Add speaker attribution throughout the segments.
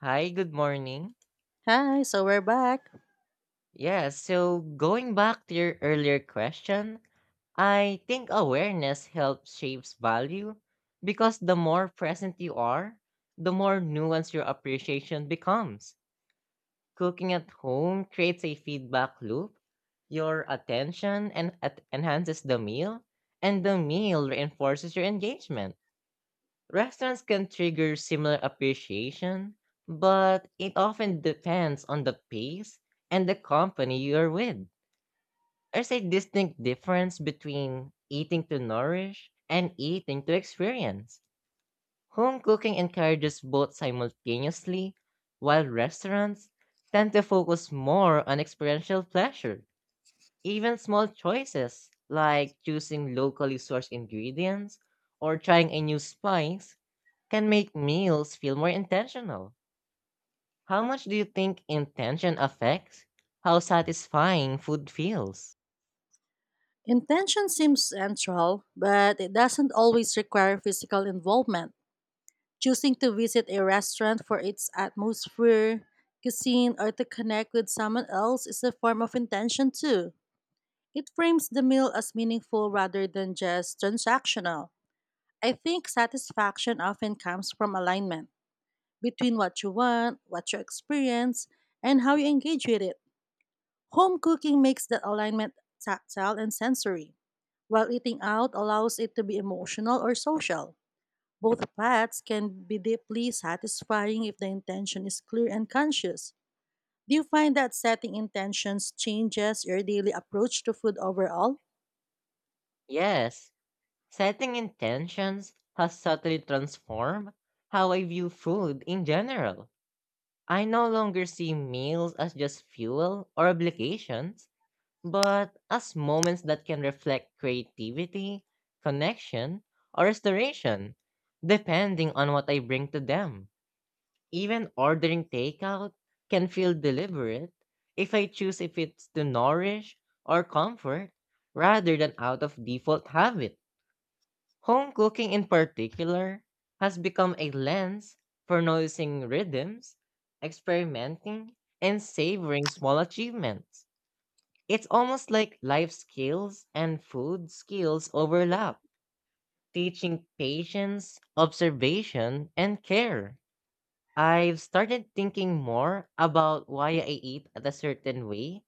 Speaker 1: Hi, good morning.
Speaker 2: Hi, so we're back.
Speaker 1: Yes, so going back to your earlier question, I think awareness helps shapes value because the more present you are, the more nuanced your appreciation becomes. Cooking at home creates a feedback loop. Your attention and enhances the meal, and the meal reinforces your engagement. Restaurants can trigger similar appreciation, but it often depends on the pace and the company you're with. There's a distinct difference between eating to nourish and eating to experience. Home cooking encourages both simultaneously, while restaurants tend to focus more on experiential pleasure. Even small choices like choosing locally sourced ingredients or trying a new spice can make meals feel more intentional. How much do you think intention affects how satisfying food feels?
Speaker 2: Intention seems central, but it doesn't always require physical involvement. Choosing to visit a restaurant for its atmosphere, cuisine, or to connect with someone else is a form of intention too. It frames the meal as meaningful rather than just transactional. I think satisfaction often comes from alignment between what you want, what you experience, and how you engage with it. Home cooking makes that alignment tactile and sensory, while eating out allows it to be emotional or social. Both paths can be deeply satisfying if the intention is clear and conscious. Do you find that setting intentions changes your daily approach to food overall?
Speaker 1: Yes, setting intentions has subtly transformed how I view food in general. I no longer see meals as just fuel or obligations, but as moments that can reflect creativity, connection, or restoration, depending on what I bring to them. Even ordering takeout can feel deliberate if I choose if it's to nourish or comfort rather than out of default habit. Home cooking in particular has become a lens for noticing rhythms, experimenting, and savoring small achievements. It's almost like life skills and food skills overlap, teaching patience, observation, and care. I've started thinking more about why I eat at a certain way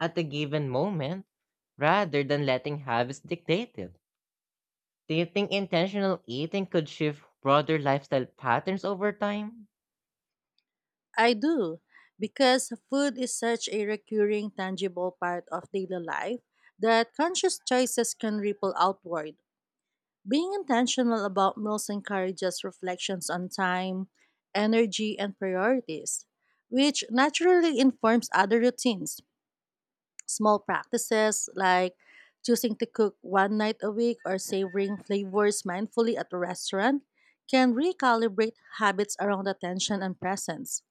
Speaker 1: at a given moment rather than letting habits dictate it. Do you think intentional eating could shift broader lifestyle patterns over time?
Speaker 2: I do, because food is such a recurring, tangible part of daily life that conscious choices can ripple outward. Being intentional about meals encourages reflections on time, energy, and priorities, which naturally informs other routines. Small practices like choosing to cook one night a week or savoring flavors mindfully at a restaurant can recalibrate habits around attention and presence.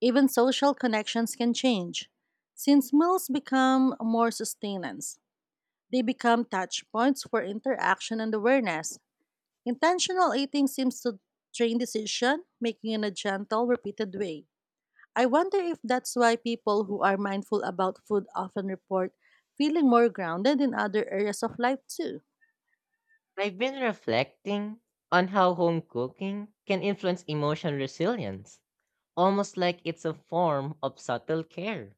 Speaker 2: Even social connections can change. Since meals become more sustenance, they become touch points for interaction and awareness. Intentional eating seems to train decision making in a gentle, repeated way. I wonder if that's why people who are mindful about food often report feeling more grounded in other areas of life too.
Speaker 1: I've been reflecting on how home cooking can influence emotional resilience, almost like it's a form of subtle care.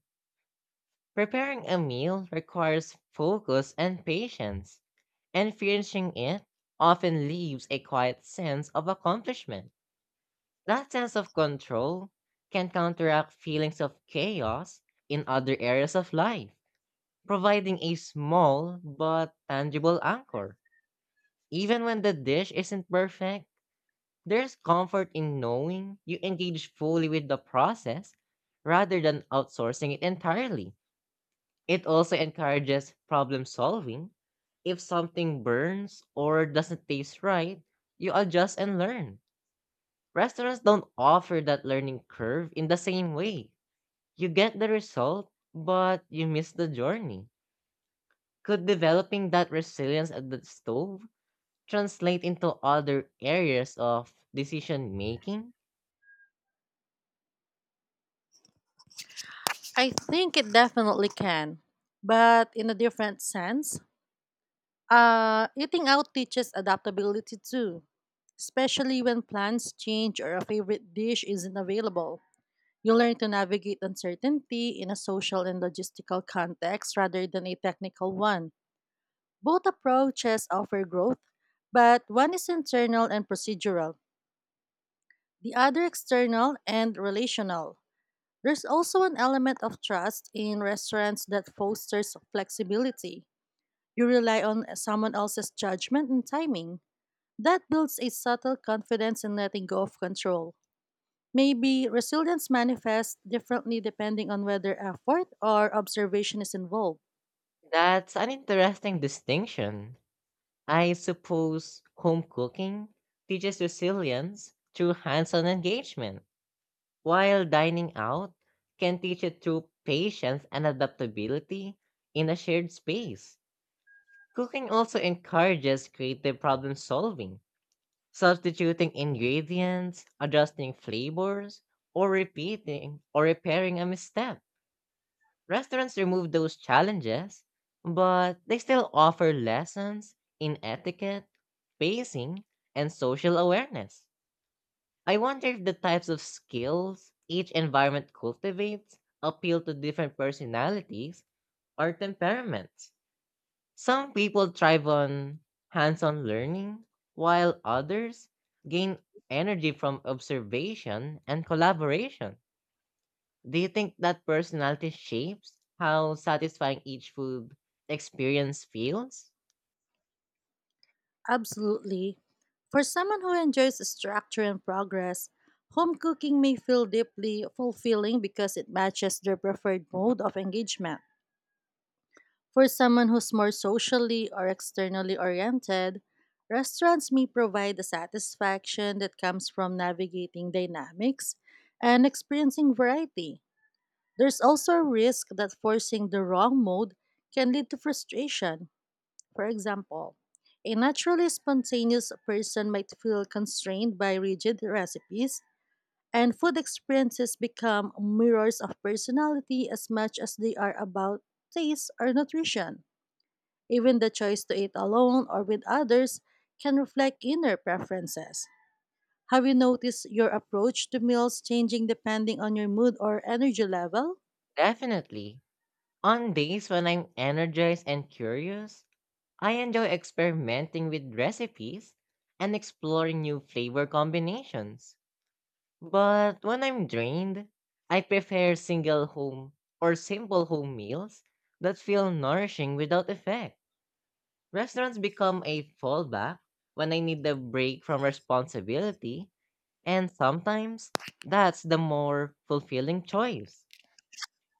Speaker 1: Preparing a meal requires focus and patience, and finishing it often leaves a quiet sense of accomplishment. That sense of control can counteract feelings of chaos in other areas of life, providing a small but tangible anchor. Even when the dish isn't perfect, there's comfort in knowing you engage fully with the process rather than outsourcing it entirely. It also encourages problem solving. If something burns or doesn't taste right, you adjust and learn. Restaurants don't offer that learning curve in the same way. You get the result, but you miss the journey. Could developing that resilience at the stove translate into other areas of decision making?
Speaker 2: I think it definitely can, but in a different sense. Eating out teaches adaptability too, especially when plans change or a favorite dish isn't available. You learn to navigate uncertainty in a social and logistical context rather than a technical one. Both approaches offer growth, but one is internal and procedural, the other external and relational. There's also an element of trust in restaurants that fosters flexibility. You rely on someone else's judgment and timing. That builds a subtle confidence in letting go of control. Maybe resilience manifests differently depending on whether effort or observation is involved.
Speaker 1: That's an interesting distinction. I suppose home cooking teaches resilience through hands on engagement, while dining out can teach it through patience and adaptability in a shared space. Cooking also encourages creative problem solving, substituting ingredients, adjusting flavors, or repeating or repairing a misstep. Restaurants remove those challenges, but they still offer lessons in etiquette, pacing, and social awareness. I wonder if the types of skills each environment cultivates appeal to different personalities or temperaments. Some people thrive on hands on learning, while others gain energy from observation and collaboration. Do you think that personality shapes how satisfying each food experience feels?
Speaker 2: Absolutely. For someone who enjoys structure and progress, home cooking may feel deeply fulfilling because it matches their preferred mode of engagement. For someone who's more socially or externally oriented, restaurants may provide the satisfaction that comes from navigating dynamics and experiencing variety. There's also a risk that forcing the wrong mode can lead to frustration. For example, a naturally spontaneous person might feel constrained by rigid recipes, and food experiences become mirrors of personality as much as they are about taste or nutrition. Even the choice to eat alone or with others can reflect inner preferences. Have you noticed your approach to meals changing depending on your mood or energy level?
Speaker 1: Definitely. On days when I'm energized and curious, I enjoy experimenting with recipes and exploring new flavor combinations. But when I'm drained, I prefer single home or simple home meals that feel nourishing without effect. Restaurants become a fallback when I need a break from responsibility. And sometimes that's the more fulfilling choice.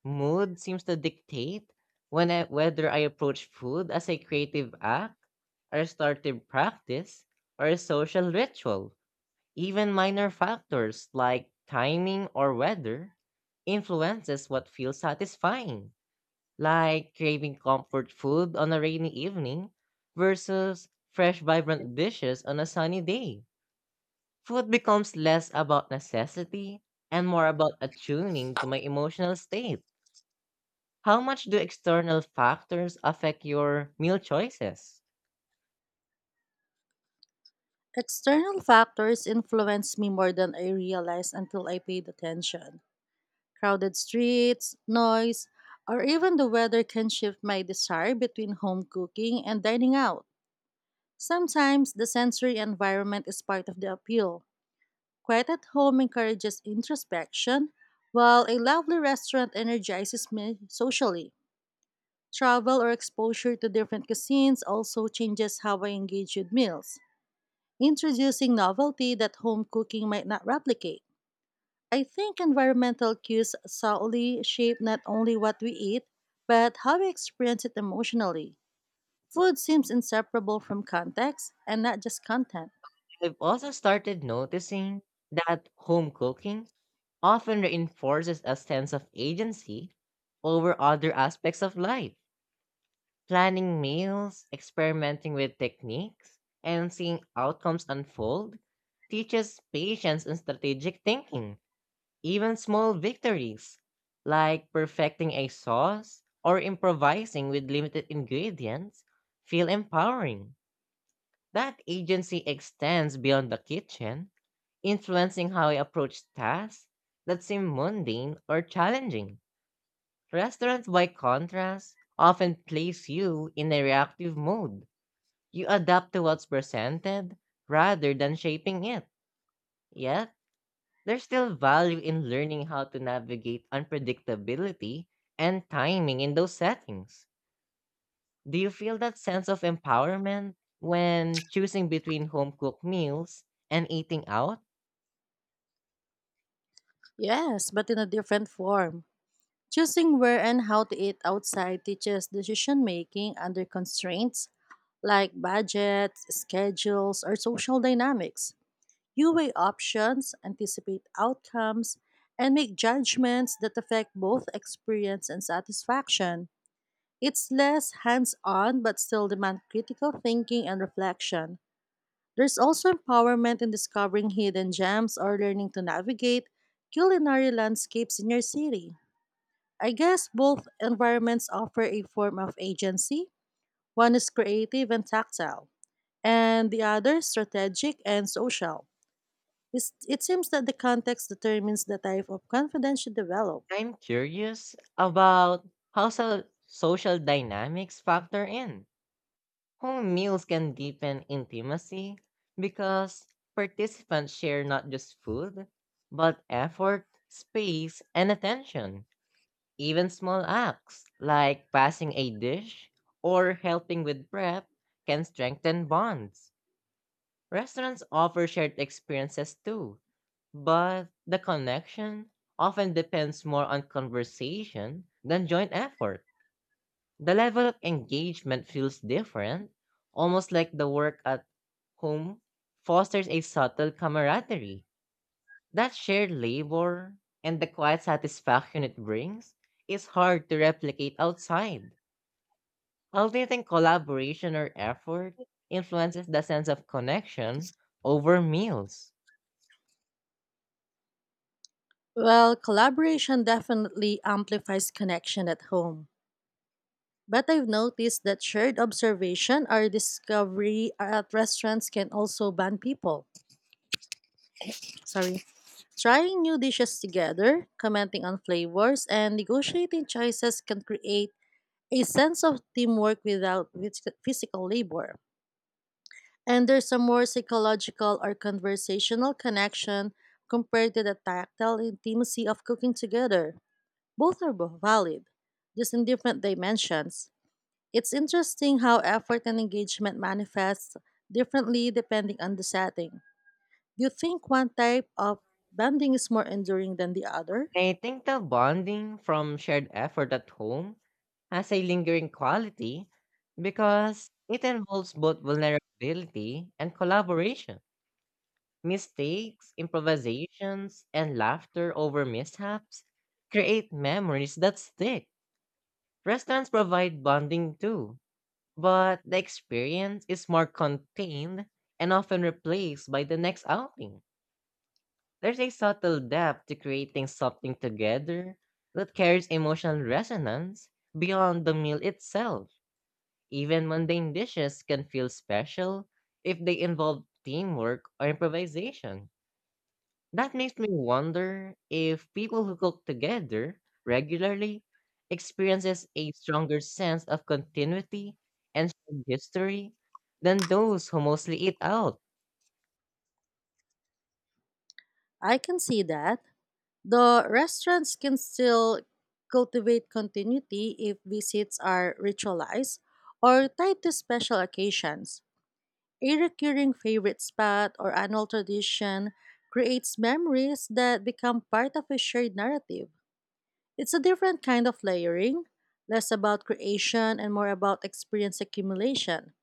Speaker 1: Mood seems to dictate when I, whether I approach food as a creative act, a startive practice, or a social ritual. Even minor factors like timing or weather influences what feels satisfying, like craving comfort food on a rainy evening versus fresh vibrant dishes on a sunny day. Food becomes less about necessity and more about attuning to my emotional state. How much do external factors affect your meal choices?
Speaker 2: External factors influenced me more than I realized until I paid attention. Crowded streets, noise, or even the weather can shift my desire between home cooking and dining out. Sometimes the sensory environment is part of the appeal. Quiet at home encourages introspection, while a lovely restaurant energizes me socially. Travel or exposure to different cuisines also changes how I engage with meals, introducing novelty that home cooking might not replicate. I think environmental cues subtly shape not only what we eat, but how we experience it emotionally. Food seems inseparable from context and not just content.
Speaker 1: I've also started noticing that home cooking often reinforces a sense of agency over other aspects of life. Planning meals, experimenting with techniques, and seeing outcomes unfold teaches patience and strategic thinking. Even small victories, like perfecting a sauce or improvising with limited ingredients, feel empowering. That agency extends beyond the kitchen, influencing how I approach tasks that seem mundane or challenging. Restaurants, by contrast, often place you in a reactive mode. You adapt to what's presented rather than shaping it. Yes, there's still value in learning how to navigate unpredictability and timing in those settings. Do you feel that sense of empowerment when choosing between home cooked meals and eating out?
Speaker 2: Yes, but in a different form. Choosing where and how to eat outside teaches decision making under constraints like budgets, schedules, or social dynamics. You weigh options, anticipate outcomes, and make judgments that affect both experience and satisfaction. It's less hands on but still demand critical thinking and reflection. There's also empowerment in discovering hidden gems or learning to navigate culinary landscapes in your city. I guess both environments offer a form of agency. One is creative and tactile, and the other strategic and social. It seems that the context determines the type of confidence you develop.
Speaker 1: I'm curious about how social dynamics factor in. Home meals can deepen intimacy because participants share not just food, but effort, space, and attention. Even small acts like passing a dish or helping with prep can strengthen bonds. Restaurants offer shared experiences too, but the connection often depends more on conversation than joint effort. The level of engagement feels different, almost like the work at home fosters a subtle camaraderie. That shared labor and the quiet satisfaction it brings is hard to replicate outside. Well, do you think collaboration or effort influences the sense of connection over meals?
Speaker 2: Well, collaboration definitely amplifies connection at home. But I've noticed that shared observation or discovery at restaurants can also bond people. Sorry. Trying new dishes together, commenting on flavors, and negotiating choices can create a sense of teamwork without physical labor. And there's a more psychological or conversational connection compared to the tactile intimacy of cooking together. Both are valid, just in different dimensions. It's interesting how effort and engagement manifests differently depending on the setting. Do you think one type of bonding is more enduring than the other?
Speaker 1: I think the bonding from shared effort at home has a lingering quality because it involves both vulnerability and collaboration. Mistakes, improvisations, and laughter over mishaps create memories that stick. Restaurants provide bonding too, but the experience is more contained and often replaced by the next outing. There's a subtle depth to creating something together that carries emotional resonance beyond the meal itself. Even mundane dishes can feel special if they involve teamwork or improvisation. That makes me wonder if people who cook together regularly experiences a stronger sense of continuity and shared history than those who mostly eat out.
Speaker 2: I can see that. The restaurants can still cultivate continuity if visits are ritualized or tied to special occasions. A recurring favorite spot or annual tradition creates memories that become part of a shared narrative. It's a different kind of layering, less about creation and more about experience accumulation.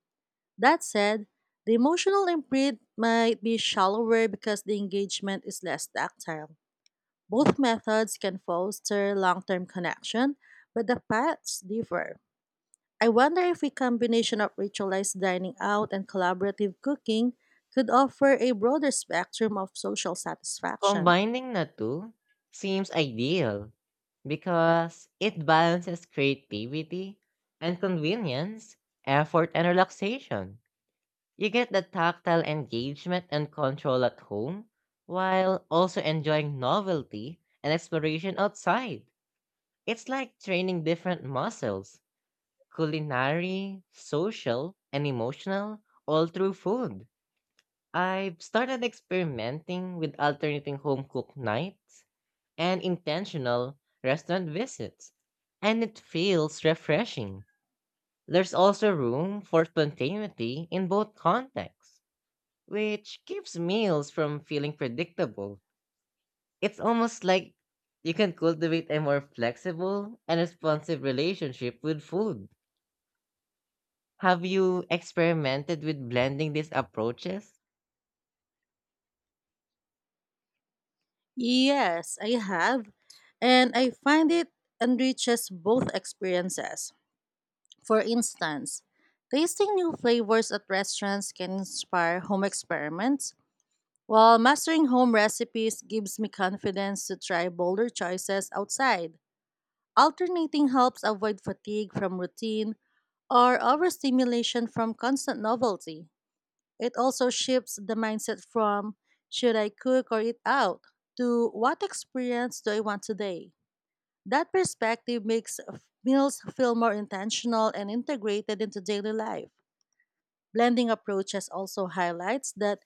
Speaker 2: That said, the emotional imprint might be shallower because the engagement is less tactile. Both methods can foster long term connection, but the paths differ. I wonder if a combination of ritualized dining out and collaborative cooking could offer a broader spectrum of social satisfaction.
Speaker 1: Combining the two seems ideal because it balances creativity and convenience, effort and relaxation. You get the tactile engagement and control at home while also enjoying novelty and exploration outside. It's like training different muscles, culinary, social, and emotional, all through food. I've started experimenting with alternating home cooked nights and intentional restaurant visits, and it feels refreshing. There's also room for spontaneity in both contexts, which keeps meals from feeling predictable. It's almost like you can cultivate a more flexible and responsive relationship with food. Have you experimented with blending these approaches?
Speaker 2: Yes, I have, and I find it enriches both experiences. For instance, tasting new flavors at restaurants can inspire home experiments, while mastering home recipes gives me confidence to try bolder choices outside. Alternating helps avoid fatigue from routine or overstimulation from constant novelty. It also shifts the mindset from "should I cook or eat out" to "what experience do I want today." That perspective makes meals feel more intentional and integrated into daily life. Blending approaches also highlights that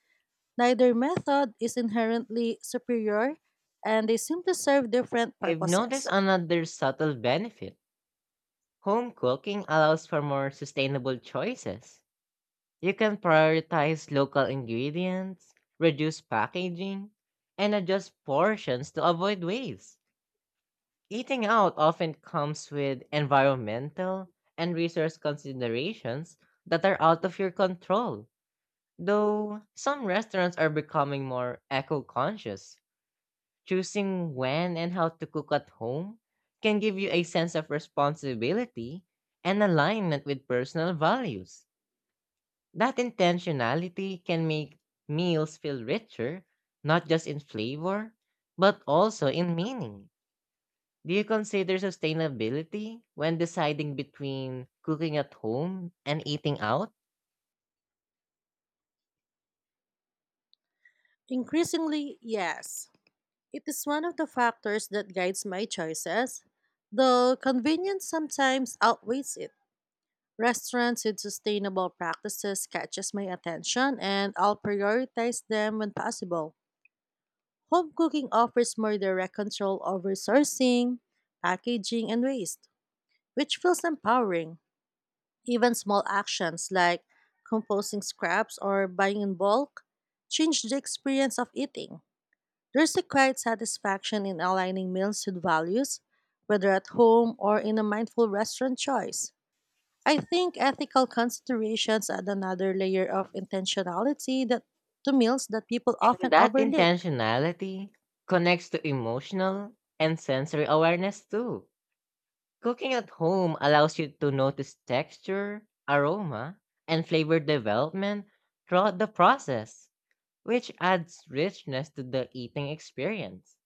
Speaker 2: neither method is inherently superior, and they simply serve different
Speaker 1: I've noticed
Speaker 2: purposes.
Speaker 1: another subtle benefit. Home cooking allows for more sustainable choices. You can prioritize local ingredients, reduce packaging, and adjust portions to avoid waste. Eating out often comes with environmental and resource considerations that are out of your control, though some restaurants are becoming more eco conscious. Choosing when and how to cook at home can give you a sense of responsibility and alignment with personal values. That intentionality can make meals feel richer, not just in flavor, but also in meaning. Do you consider sustainability when deciding between cooking at home and eating out?
Speaker 2: Increasingly, yes. It is one of the factors that guides my choices, though convenience sometimes outweighs it. Restaurants with sustainable practices catches my attention and I'll prioritize them when possible. Home cooking offers more direct control over sourcing, packaging, and waste, which feels empowering. Even small actions like composting scraps or buying in bulk change the experience of eating. There's a quiet satisfaction in aligning meals with values, whether at home or in a mindful restaurant choice. I think ethical considerations add another layer of intentionality that to meals that people
Speaker 1: And
Speaker 2: often
Speaker 1: that
Speaker 2: overlook.
Speaker 1: intentionality connects to emotional and sensory awareness too. Cooking at home allows you to notice texture, aroma, and flavor development throughout the process, which adds richness to the eating experience.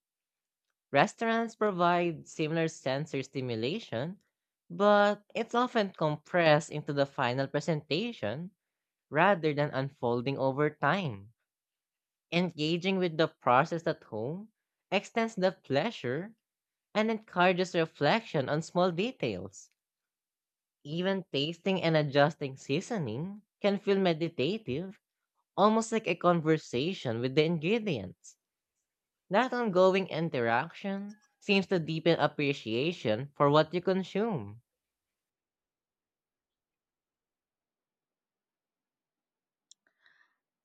Speaker 1: Restaurants provide similar sensory stimulation, but it's often compressed into the final presentation rather than unfolding over time. Engaging with the process at home extends the pleasure and encourages reflection on small details. Even tasting and adjusting seasoning can feel meditative, almost like a conversation with the ingredients. That ongoing interaction seems to deepen appreciation for what you consume.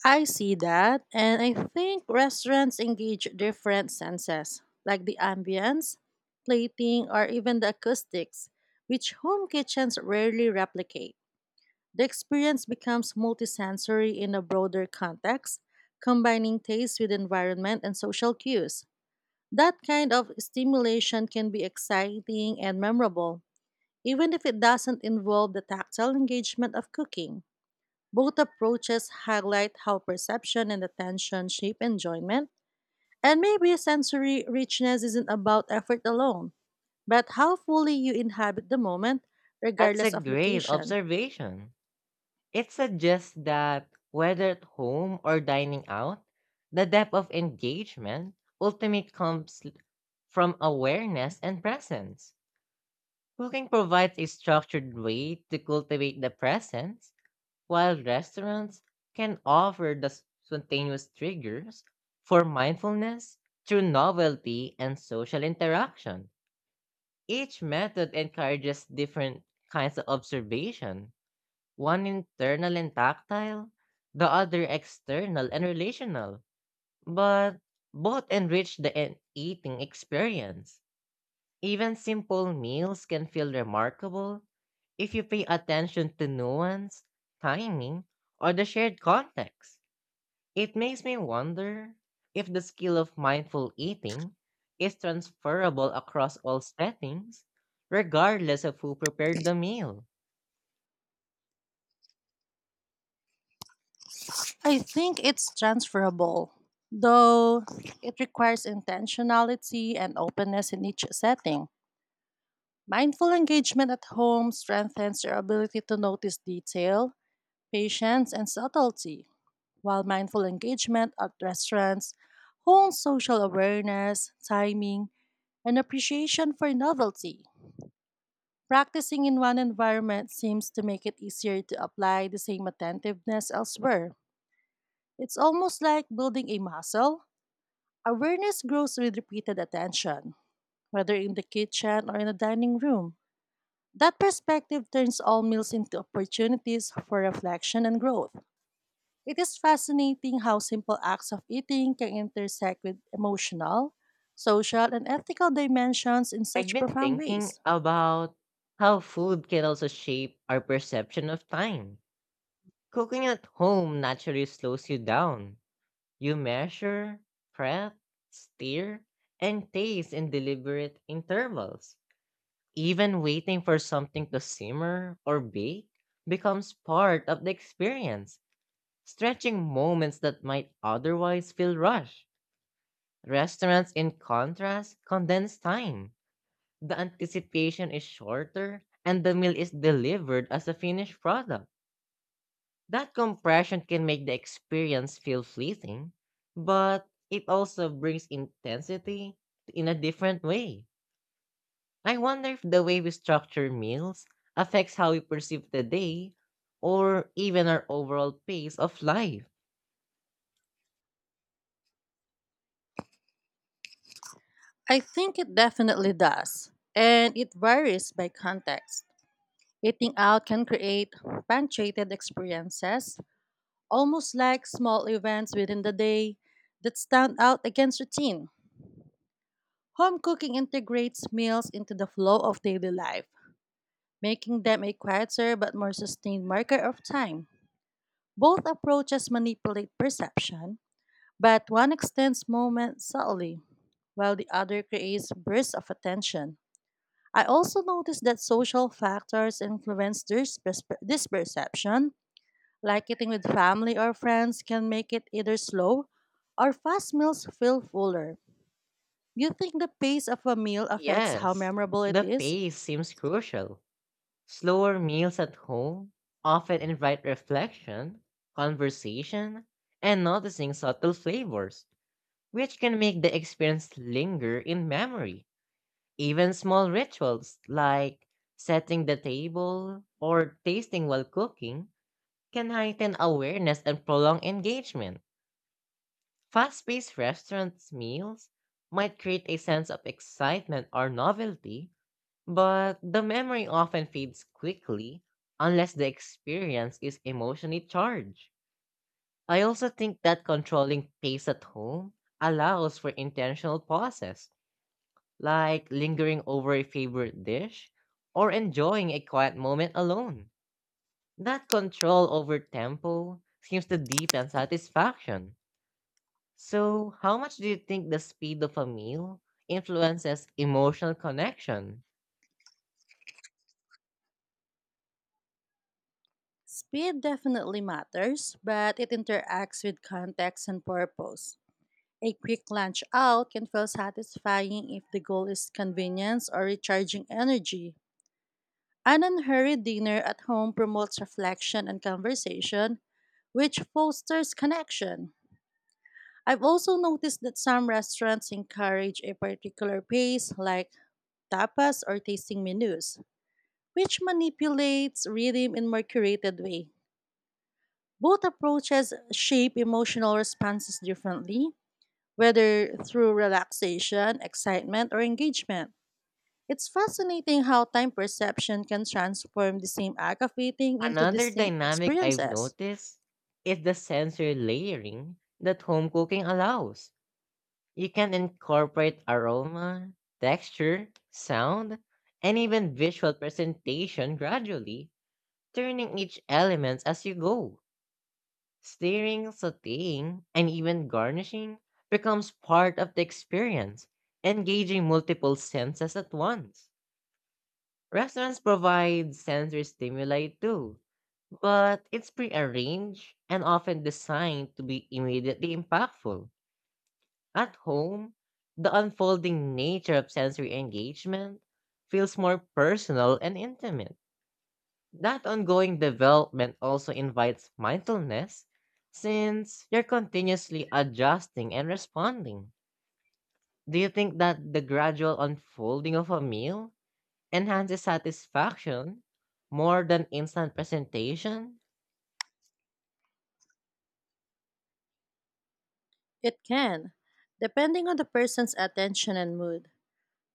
Speaker 2: I see that, and I think restaurants engage different senses, like the ambience, plating, or even the acoustics, which home kitchens rarely replicate. The experience becomes multisensory in a broader context, combining taste with environment and social cues. That kind of stimulation can be exciting and memorable, even if it doesn't involve the tactile engagement of cooking. Both approaches highlight how perception and attention shape enjoyment, and maybe sensory richness isn't about effort alone, but how fully you inhabit the moment,
Speaker 1: That's a
Speaker 2: regardless of
Speaker 1: great
Speaker 2: location.
Speaker 1: observation. It suggests that whether at home or dining out, the depth of engagement ultimately comes from awareness and presence. Cooking provides a structured way to cultivate the presence, while restaurants can offer the spontaneous triggers for mindfulness through novelty and social interaction. Each method encourages different kinds of observation, one internal and tactile, the other external and relational, but both enrich the eating experience. Even simple meals can feel remarkable if you pay attention to nuance, timing, or the shared context. It makes me wonder if the skill of mindful eating is transferable across all settings, regardless of who prepared the meal.
Speaker 2: I think it's transferable, though it requires intentionality and openness in each setting. Mindful engagement at home strengthens your ability to notice detail, patience, and subtlety, while mindful engagement at restaurants hones social awareness, timing, and appreciation for novelty. Practicing in one environment seems to make it easier to apply the same attentiveness elsewhere. It's almost like building a muscle. Awareness grows with repeated attention, whether in the kitchen or in the dining room. That perspective turns all meals into opportunities for reflection and growth. It is fascinating how simple acts of eating can intersect with emotional, social, and ethical dimensions in
Speaker 1: I've
Speaker 2: such
Speaker 1: been
Speaker 2: profound
Speaker 1: thinking
Speaker 2: ways.
Speaker 1: about how food can also shape our perception of time. Cooking at home naturally slows you down. You measure, prep, steer, and taste in deliberate intervals. Even waiting for something to simmer or bake becomes part of the experience, stretching moments that might otherwise feel rushed. Restaurants, in contrast, condense time. The anticipation is shorter, and the meal is delivered as a finished product. That compression can make the experience feel fleeting, but it also brings intensity in a different way. I wonder if the way we structure meals affects how we perceive the day or even our overall pace of life.
Speaker 2: I think it definitely does, and it varies by context. Eating out can create punctuated experiences, almost like small events within the day that stand out against routine. Home cooking integrates meals into the flow of daily life, making them a quieter but more sustained marker of time. Both approaches manipulate perception, but one extends moments subtly, while the other creates bursts of attention. I also noticed that social factors influence this perception. Like eating with family or friends can make it either slow or fast meals feel fuller. Do you think the pace of a meal affects how
Speaker 1: Yes,
Speaker 2: memorable it
Speaker 1: the
Speaker 2: is?
Speaker 1: pace seems crucial. Slower meals at home often invite reflection, conversation, and noticing subtle flavors, which can make the experience linger in memory. Even small rituals like setting the table or tasting while cooking can heighten awareness and prolong engagement. Fast paced restaurants' meals might create a sense of excitement or novelty, but the memory often fades quickly unless the experience is emotionally charged. I also think that controlling pace at home allows for intentional pauses like lingering over a favorite dish or enjoying a quiet moment alone. That control over tempo seems to deepen satisfaction. So, how much do you think the speed of a meal influences emotional connection?
Speaker 2: Speed definitely matters, but it interacts with context and purpose. A quick lunch out can feel satisfying if the goal is convenience or recharging energy. An unhurried dinner at home promotes reflection and conversation, which fosters connection. I've also noticed that some restaurants encourage a particular pace, like tapas or tasting menus, which manipulates rhythm in more curated way. Both approaches shape emotional responses differently, whether through relaxation, excitement, or engagement. It's fascinating how time perception can transform the same act of eating into
Speaker 1: Another
Speaker 2: distinct
Speaker 1: dynamic I've
Speaker 2: experiences.
Speaker 1: noticed is the sensory layering that home cooking allows. You can incorporate aroma, texture, sound, and even visual presentation gradually, turning each element as you go. Steering, sauteing, and even garnishing becomes part of the experience, engaging multiple senses at once. Restaurants provide sensory stimuli too, but it's prearranged and often designed to be immediately impactful. At home, the unfolding nature of sensory engagement feels more personal and intimate. That ongoing development also invites mindfulness since you're continuously adjusting and responding. Do you think that the gradual unfolding of a meal enhances satisfaction more than instant presentation?
Speaker 2: It can, depending on the person's attention and mood.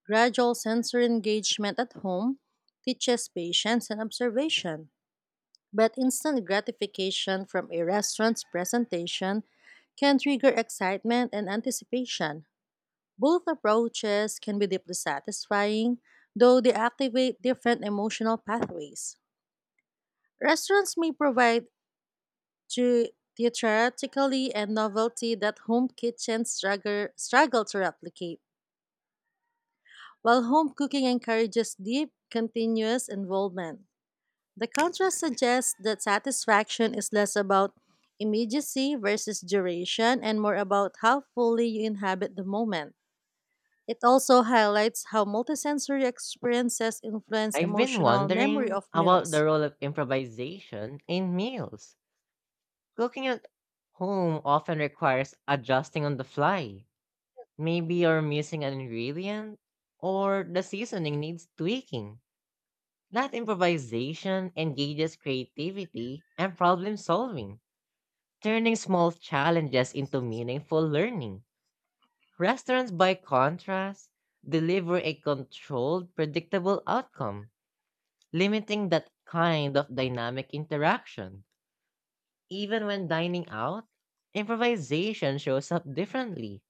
Speaker 2: Gradual sensory engagement at home teaches patience and observation, but instant gratification from a restaurant's presentation can trigger excitement and anticipation. Both approaches can be deeply satisfying, though they activate different emotional pathways. Restaurants may provide to theatrically and novelty that home kitchens struggle to replicate, while home cooking encourages deep, continuous involvement. The contrast suggests that satisfaction is less about immediacy versus duration and more about how fully you inhabit the moment. It also highlights how multisensory experiences influence
Speaker 1: I've been
Speaker 2: emotional memory
Speaker 1: wondering
Speaker 2: of
Speaker 1: about
Speaker 2: meals.
Speaker 1: the role of improvisation in meals. Cooking at home often requires adjusting on the fly. Maybe you're missing an ingredient or the seasoning needs tweaking. That improvisation engages creativity and problem solving, turning small challenges into meaningful learning. Restaurants, by contrast, deliver a controlled, predictable outcome, limiting that kind of dynamic interaction. Even when dining out, improvisation shows up differently,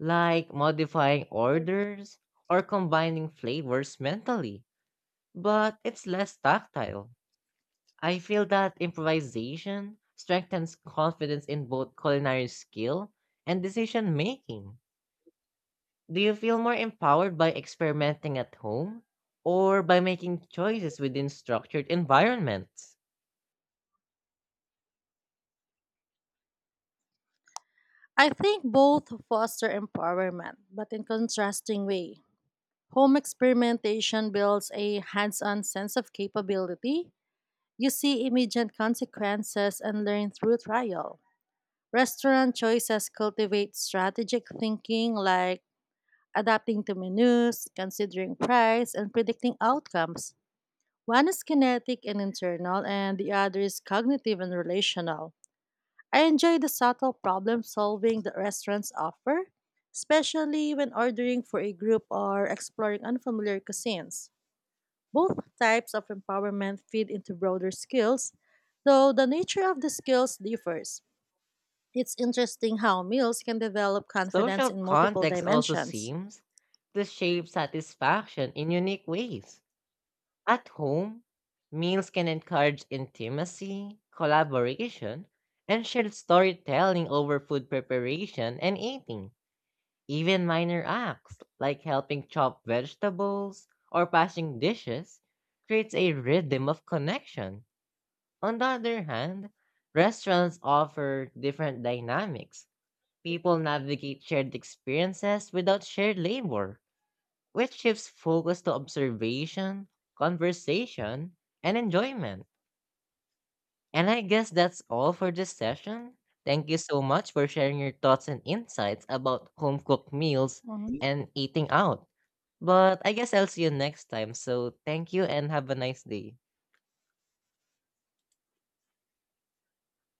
Speaker 1: like modifying orders or combining flavors mentally, but it's less tactile. I feel that improvisation strengthens confidence in both culinary skill and decision making. Do you feel more empowered by experimenting at home or by making choices within structured environments?
Speaker 2: I think both foster empowerment, but in contrasting way. Home experimentation builds a hands-on sense of capability. You see immediate consequences and learn through trial. Restaurant choices cultivate strategic thinking like adapting to menus, considering price, and predicting outcomes. One is kinetic and internal, and the other is cognitive and relational. I enjoy the subtle problem solving that restaurants offer, especially when ordering for a group or exploring unfamiliar cuisines. Both types of empowerment feed into broader skills, though the nature of the skills differs. It's interesting how meals can develop confidence
Speaker 1: Social
Speaker 2: in multiple
Speaker 1: context also
Speaker 2: dimensions.
Speaker 1: seems to shape satisfaction in unique ways. At home, meals can encourage intimacy, collaboration, and shared storytelling over food preparation and eating. Even minor acts like helping chop vegetables or passing dishes creates a rhythm of connection. On the other hand, restaurants offer different dynamics. People navigate shared experiences without shared labor, which shifts focus to observation, conversation, and enjoyment. And I guess that's all for this session. Thank you so much for sharing your thoughts and insights about home cooked meals
Speaker 2: Hmm.
Speaker 1: and eating out. But I guess I'll see you next time. So thank you and have a nice day.